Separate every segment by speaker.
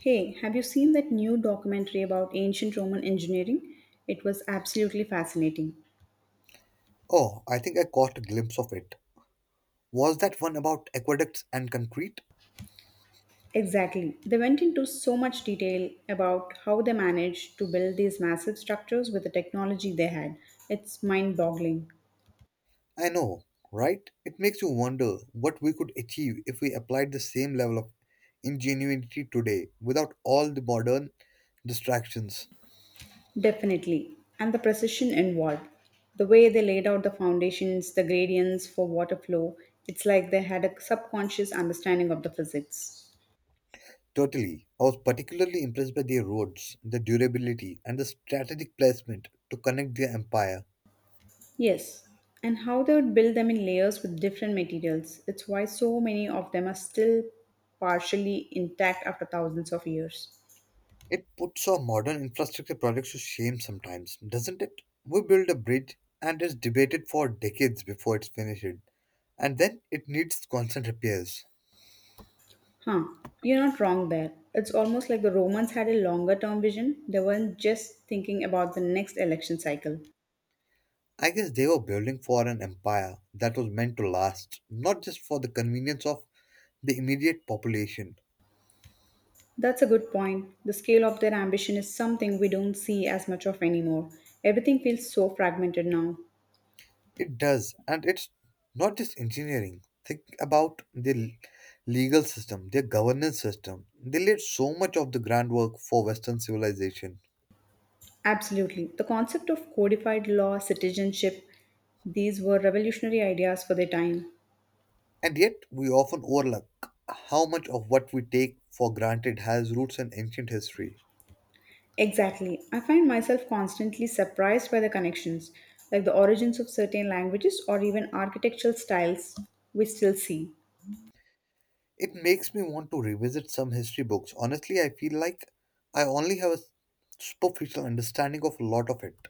Speaker 1: Hey, have you seen that new documentary about ancient Roman engineering? It was absolutely fascinating.
Speaker 2: Oh, I think I caught a glimpse of it. Was that one about aqueducts and concrete?
Speaker 1: Exactly. They went into so much detail about how they managed to build these massive structures with the technology they had. It's mind boggling.
Speaker 2: I know, right? It makes you wonder what we could achieve if we applied the same level of ingenuity today without all the modern distractions.
Speaker 1: Definitely. And the precision involved. The way they laid out the foundations, the gradients for water flow, it's like they had a subconscious understanding of the physics.
Speaker 2: Totally. I was particularly impressed by their roads, the durability, and the strategic placement to connect their empire.
Speaker 1: Yes, and how they would build them in layers with different materials. It's why so many of them are still partially intact after thousands of years.
Speaker 2: It puts our modern infrastructure projects to shame sometimes, doesn't it? We build a bridge and it's debated for decades before it's finished, and then it needs constant repairs.
Speaker 1: Huh, you're not wrong there. It's almost like the Romans had a longer term vision, they weren't just thinking about the next election cycle.
Speaker 2: I guess they were building for an empire that was meant to last, not just for the convenience of the immediate population.
Speaker 1: That's a good point. The scale of their ambition is something we don't see as much of anymore. Everything feels so fragmented now.
Speaker 2: It does, and it's not just engineering. Think about the legal system, their governance system. They laid so much of the groundwork for Western civilization.
Speaker 1: Absolutely. The concept of codified law, citizenship, these were revolutionary ideas for their time.
Speaker 2: And yet, we often overlook how much of what we take for granted has roots in ancient history.
Speaker 1: Exactly. I find myself constantly surprised by the connections, like the origins of certain languages or even architectural styles we still see.
Speaker 2: It makes me want to revisit some history books. Honestly, I feel like I only have a superficial understanding of a lot of it.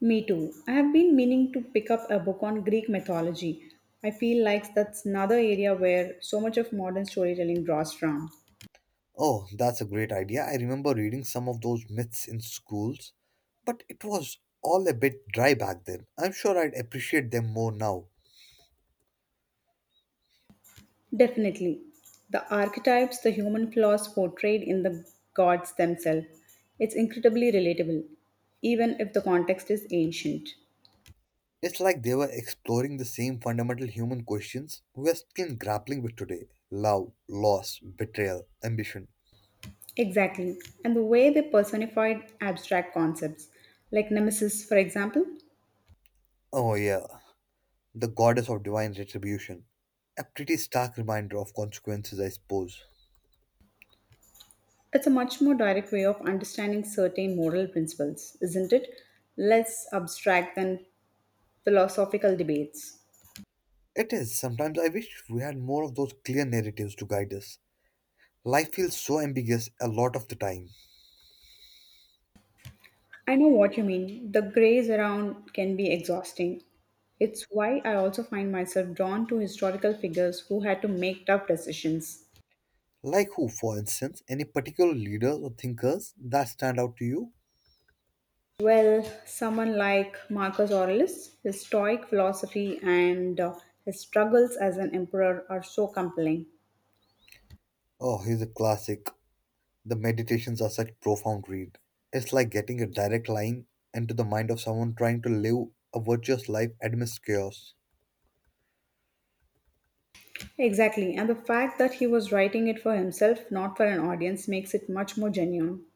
Speaker 1: Me too. I have been meaning to pick up a book on Greek mythology. I feel like that's another area where so much of modern storytelling draws from.
Speaker 2: Oh, that's a great idea. I remember reading some of those myths in schools, but it was all a bit dry back then. I'm sure I'd appreciate them more now.
Speaker 1: Definitely. The archetypes the human flaws portrayed in the gods themselves. It's incredibly relatable, even if the context is ancient.
Speaker 2: It's like they were exploring the same fundamental human questions we are still grappling with today: love, loss, betrayal, ambition.
Speaker 1: Exactly. And the way they personified abstract concepts, like Nemesis, for example,
Speaker 2: Oh, yeah, the goddess of divine retribution. A pretty stark reminder of consequences, I suppose.
Speaker 1: it's a much more direct way of understanding certain moral principles, isn't it? Less abstract than philosophical debates.
Speaker 2: It is. Sometimes I wish we had more of those clear narratives to guide us. Life feels so ambiguous a lot of the time.
Speaker 1: I know what you mean. The grays around can be exhausting. It's why I also find myself drawn to historical figures who had to make tough decisions.
Speaker 2: Like who, for instance? Any particular leaders or thinkers that stand out to you?
Speaker 1: Well, someone like Marcus Aurelius, his Stoic philosophy and his struggles as an emperor are so compelling.
Speaker 2: Oh, he's a classic. The meditations are such profound read. It's like getting a direct line into the mind of someone trying to live a virtuous life amidst chaos.
Speaker 1: Exactly, and the fact that he was writing it for himself, not for an audience, makes it much more genuine.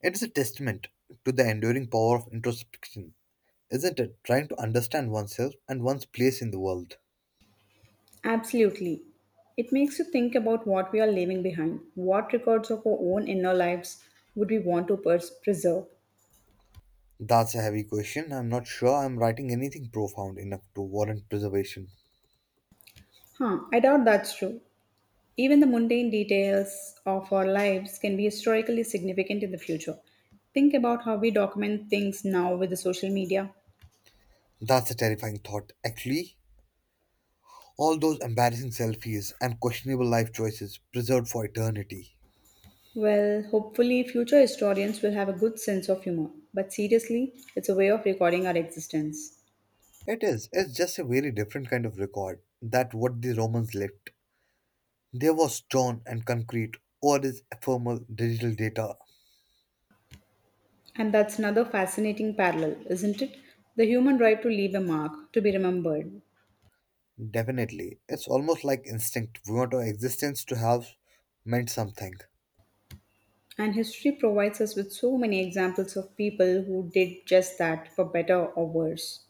Speaker 2: It is a testament to the enduring power of introspection, isn't it? Trying to understand oneself and one's place in the world.
Speaker 1: Absolutely. It makes you think about what we are leaving behind. What records of our own inner lives would we want to preserve?
Speaker 2: That's a heavy question. I'm not sure I'm writing anything profound enough to warrant preservation.
Speaker 1: Huh, I doubt that's true. Even the mundane details of our lives can be historically significant in the future. Think about how we document things now with the social media.
Speaker 2: That's a terrifying thought, actually. All those embarrassing selfies and questionable life choices preserved for eternity.
Speaker 1: Well, hopefully, future historians will have a good sense of humor, but seriously, it's a way of recording our existence.
Speaker 2: It is. It's just a very different kind of record that what the Romans left. There was stone and concrete, or is ephemeral digital data.
Speaker 1: And that's another fascinating parallel, isn't it? The human right to leave a mark, to be remembered.
Speaker 2: Definitely. It's almost like instinct. We want our existence to have meant something.
Speaker 1: And history provides us with so many examples of people who did just that, for better or worse.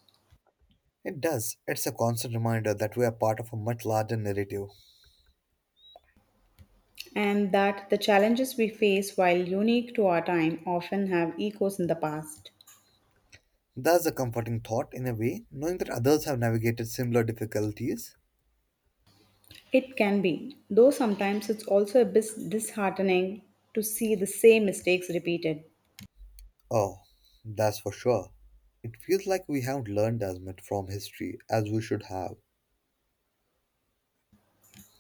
Speaker 2: It does. It's a constant reminder that we are part of a much larger narrative.
Speaker 1: And that the challenges we face, while unique to our time, often have echoes in the past.
Speaker 2: That's a comforting thought in a way, knowing that others have navigated similar difficulties.
Speaker 1: It can be, though sometimes it's also a bit disheartening to see the same mistakes repeated.
Speaker 2: Oh, that's for sure. It feels like we haven't learned as much from history as we should have.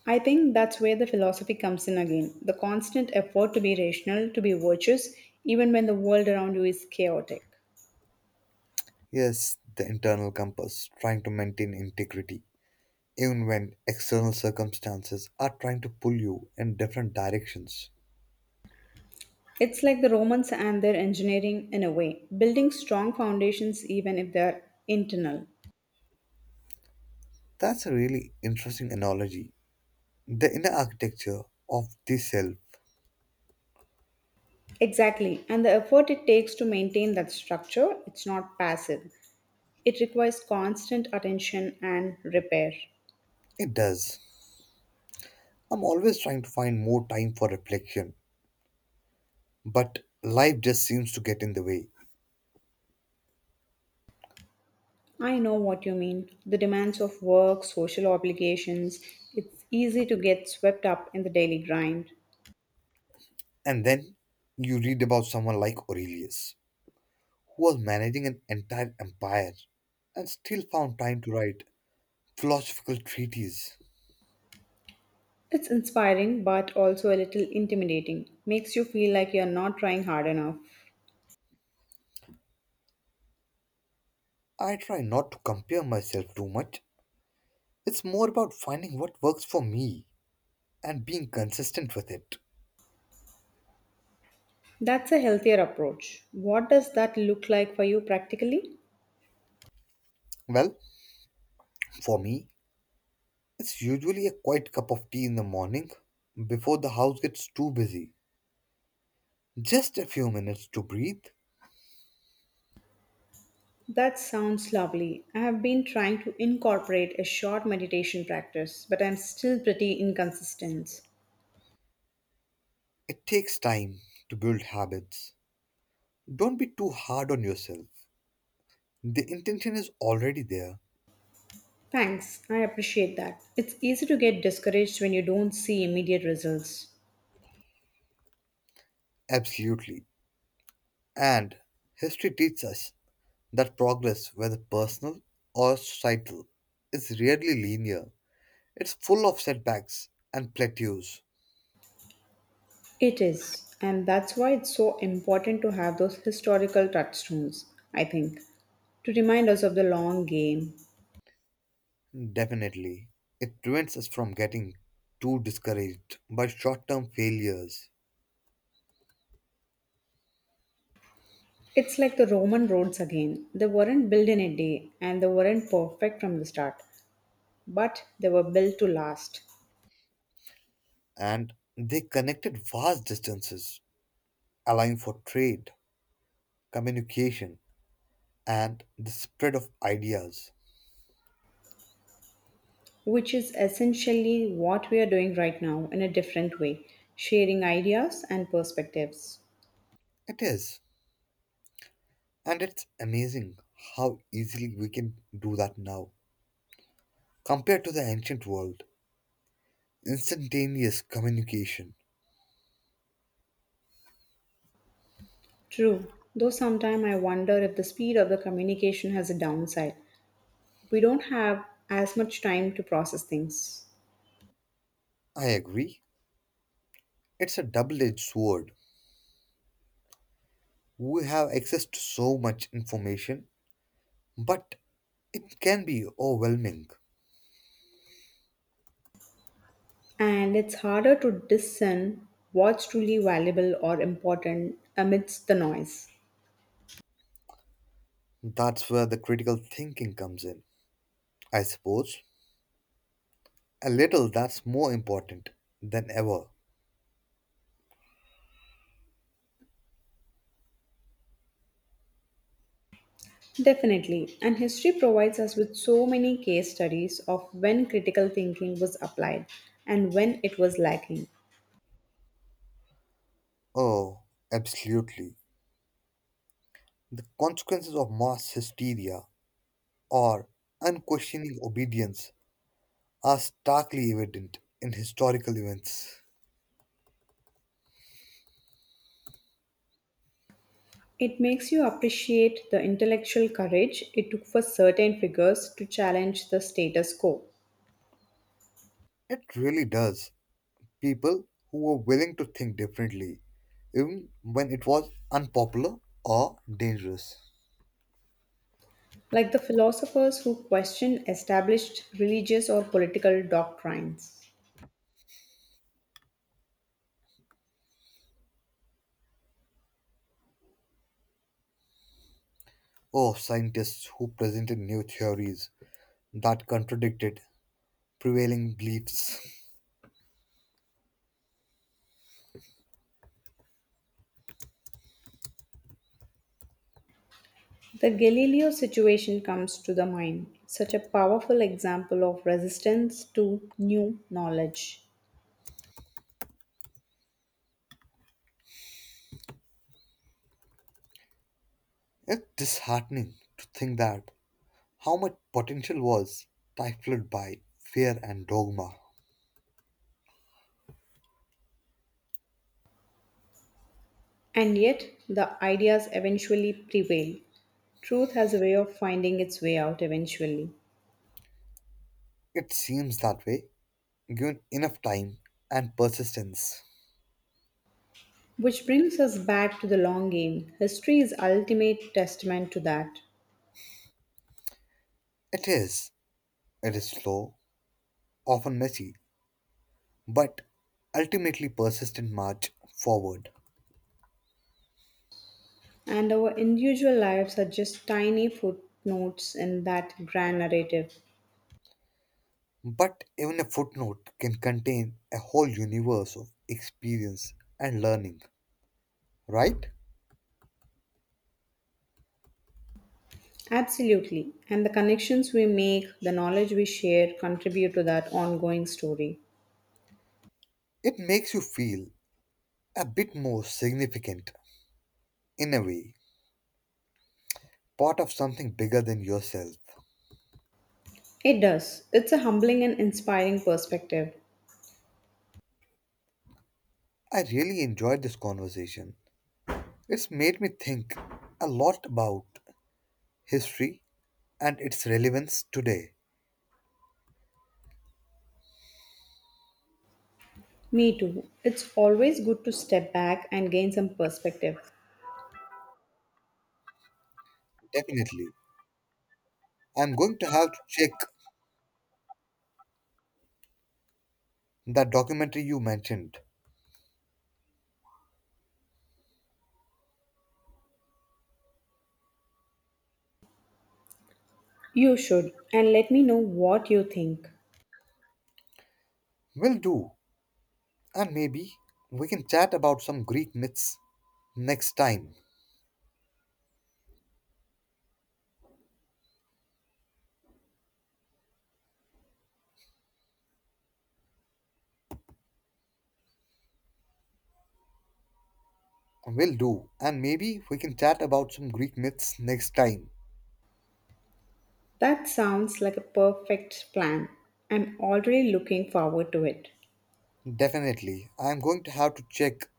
Speaker 1: I think that's where the philosophy comes in again the constant effort to be rational, to be virtuous, even when the world around you is chaotic.
Speaker 2: Yes, the internal compass, trying to maintain integrity, even when external circumstances are trying to pull you in different directions.
Speaker 1: It's like the Romans and their engineering in a way, building strong foundations even if they're internal.
Speaker 2: That's a really interesting analogy. The inner architecture of the self,
Speaker 1: Exactly. And the effort it takes to maintain that structure, it's not passive. It requires constant attention and repair.
Speaker 2: it does. I'm always trying to find more time for reflection, but life just seems to get in the way.
Speaker 1: I know what you mean. The demands of work, social obligations, it's easy to get swept up in the daily grind.
Speaker 2: And then you read about someone like Aurelius, who was managing an entire empire and still found time to write philosophical treatises.
Speaker 1: It's inspiring but also a little intimidating. Makes you feel like you're not trying hard enough.
Speaker 2: I try not to compare myself too much. It's more about finding what works for me and being consistent with it.
Speaker 1: That's a healthier approach. What does that look like for you practically?
Speaker 2: Well, for me, it's usually a quiet cup of tea in the morning before the house gets too busy. Just a few minutes to breathe.
Speaker 1: That sounds lovely. I have been trying to incorporate a short meditation practice, but I'm still pretty inconsistent.
Speaker 2: It takes time to build habits. Don't be too hard on yourself. The intention is already there.
Speaker 1: Thanks, I appreciate that. It's easy to get discouraged when you don't see immediate results.
Speaker 2: Absolutely. And history teaches us that progress, whether personal or societal, is rarely linear. It's full of setbacks and plateaus,
Speaker 1: It is, and that's why it's so important to have those historical touchstones, I think, to remind us of the long game.
Speaker 2: definitely. It prevents us from getting too discouraged by short term failures,
Speaker 1: It's like the Roman roads again. They weren't built in a day, and they weren't perfect from the start, but they were built to last.
Speaker 2: and they connected vast distances, allowing for trade, communication, and the spread of ideas.
Speaker 1: Which is essentially what we are doing right now in a different way, sharing ideas and perspectives.
Speaker 2: It is, and it's amazing how easily we can do that now compared to the ancient world. Instantaneous communication.
Speaker 1: True, though sometimes I wonder if the speed of the communication has a downside. We don't have as much time to process things,
Speaker 2: I agree, it's a double edged sword we have access to so much information, but it can be overwhelming.
Speaker 1: and it's harder to discern what's truly valuable or important amidst the noise.
Speaker 2: That's where the critical thinking comes in. I suppose a little that's more important than ever.
Speaker 1: Definitely, and history provides us with so many case studies of when critical thinking was applied and when it was lacking.
Speaker 2: Oh, absolutely. The consequences of mass hysteria or unquestioning obedience are starkly evident in historical events.
Speaker 1: It makes you appreciate the intellectual courage it took for certain figures to challenge the status quo,
Speaker 2: It really does. People who were willing to think differently, even when it was unpopular or dangerous.
Speaker 1: like the philosophers who questioned established religious or political doctrines.
Speaker 2: Or scientists who presented new theories that contradicted prevailing beliefs.
Speaker 1: The Galileo situation comes to the mind, such a powerful example of resistance to new knowledge.
Speaker 2: It's disheartening to think that how much potential was stifled by fear and dogma.
Speaker 1: And yet, the ideas eventually prevail. Truth has a way of finding its way out eventually.
Speaker 2: It seems that way, given enough time and persistence.
Speaker 1: Which brings us back to the long game. History is ultimate testament to that.
Speaker 2: It is. It is slow, often messy, but ultimately persistent march forward.
Speaker 1: And our individual lives are just tiny footnotes in that grand narrative.
Speaker 2: But even a footnote can contain a whole universe of experience and learning, right?
Speaker 1: Absolutely. And the connections we make, the knowledge we share contribute to that ongoing story.
Speaker 2: It makes you feel a bit more significant, in a way, part of something bigger than yourself.
Speaker 1: It does. It's a humbling and inspiring perspective.
Speaker 2: I really enjoyed this conversation. It's made me think a lot about history and its relevance today.
Speaker 1: Me too. It's always good to step back and gain some perspective.
Speaker 2: Definitely. I'm going to have to check that documentary you mentioned.
Speaker 1: You should, and let me know what you think.
Speaker 2: Will do. And maybe we can chat about some Greek myths next time. Will do. And maybe we can chat about some Greek myths next time.
Speaker 1: That sounds like a perfect plan. I'm already looking forward to it.
Speaker 2: Definitely. I'm going to have to check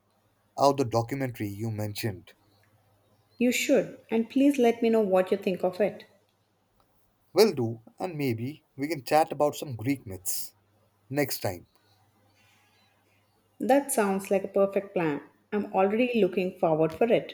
Speaker 2: out the documentary you mentioned.
Speaker 1: You should, and please let me know what you think of it.
Speaker 2: Will do. And maybe we can chat about some Greek myths next time.
Speaker 1: That sounds like a perfect plan. I'm already looking forward for it.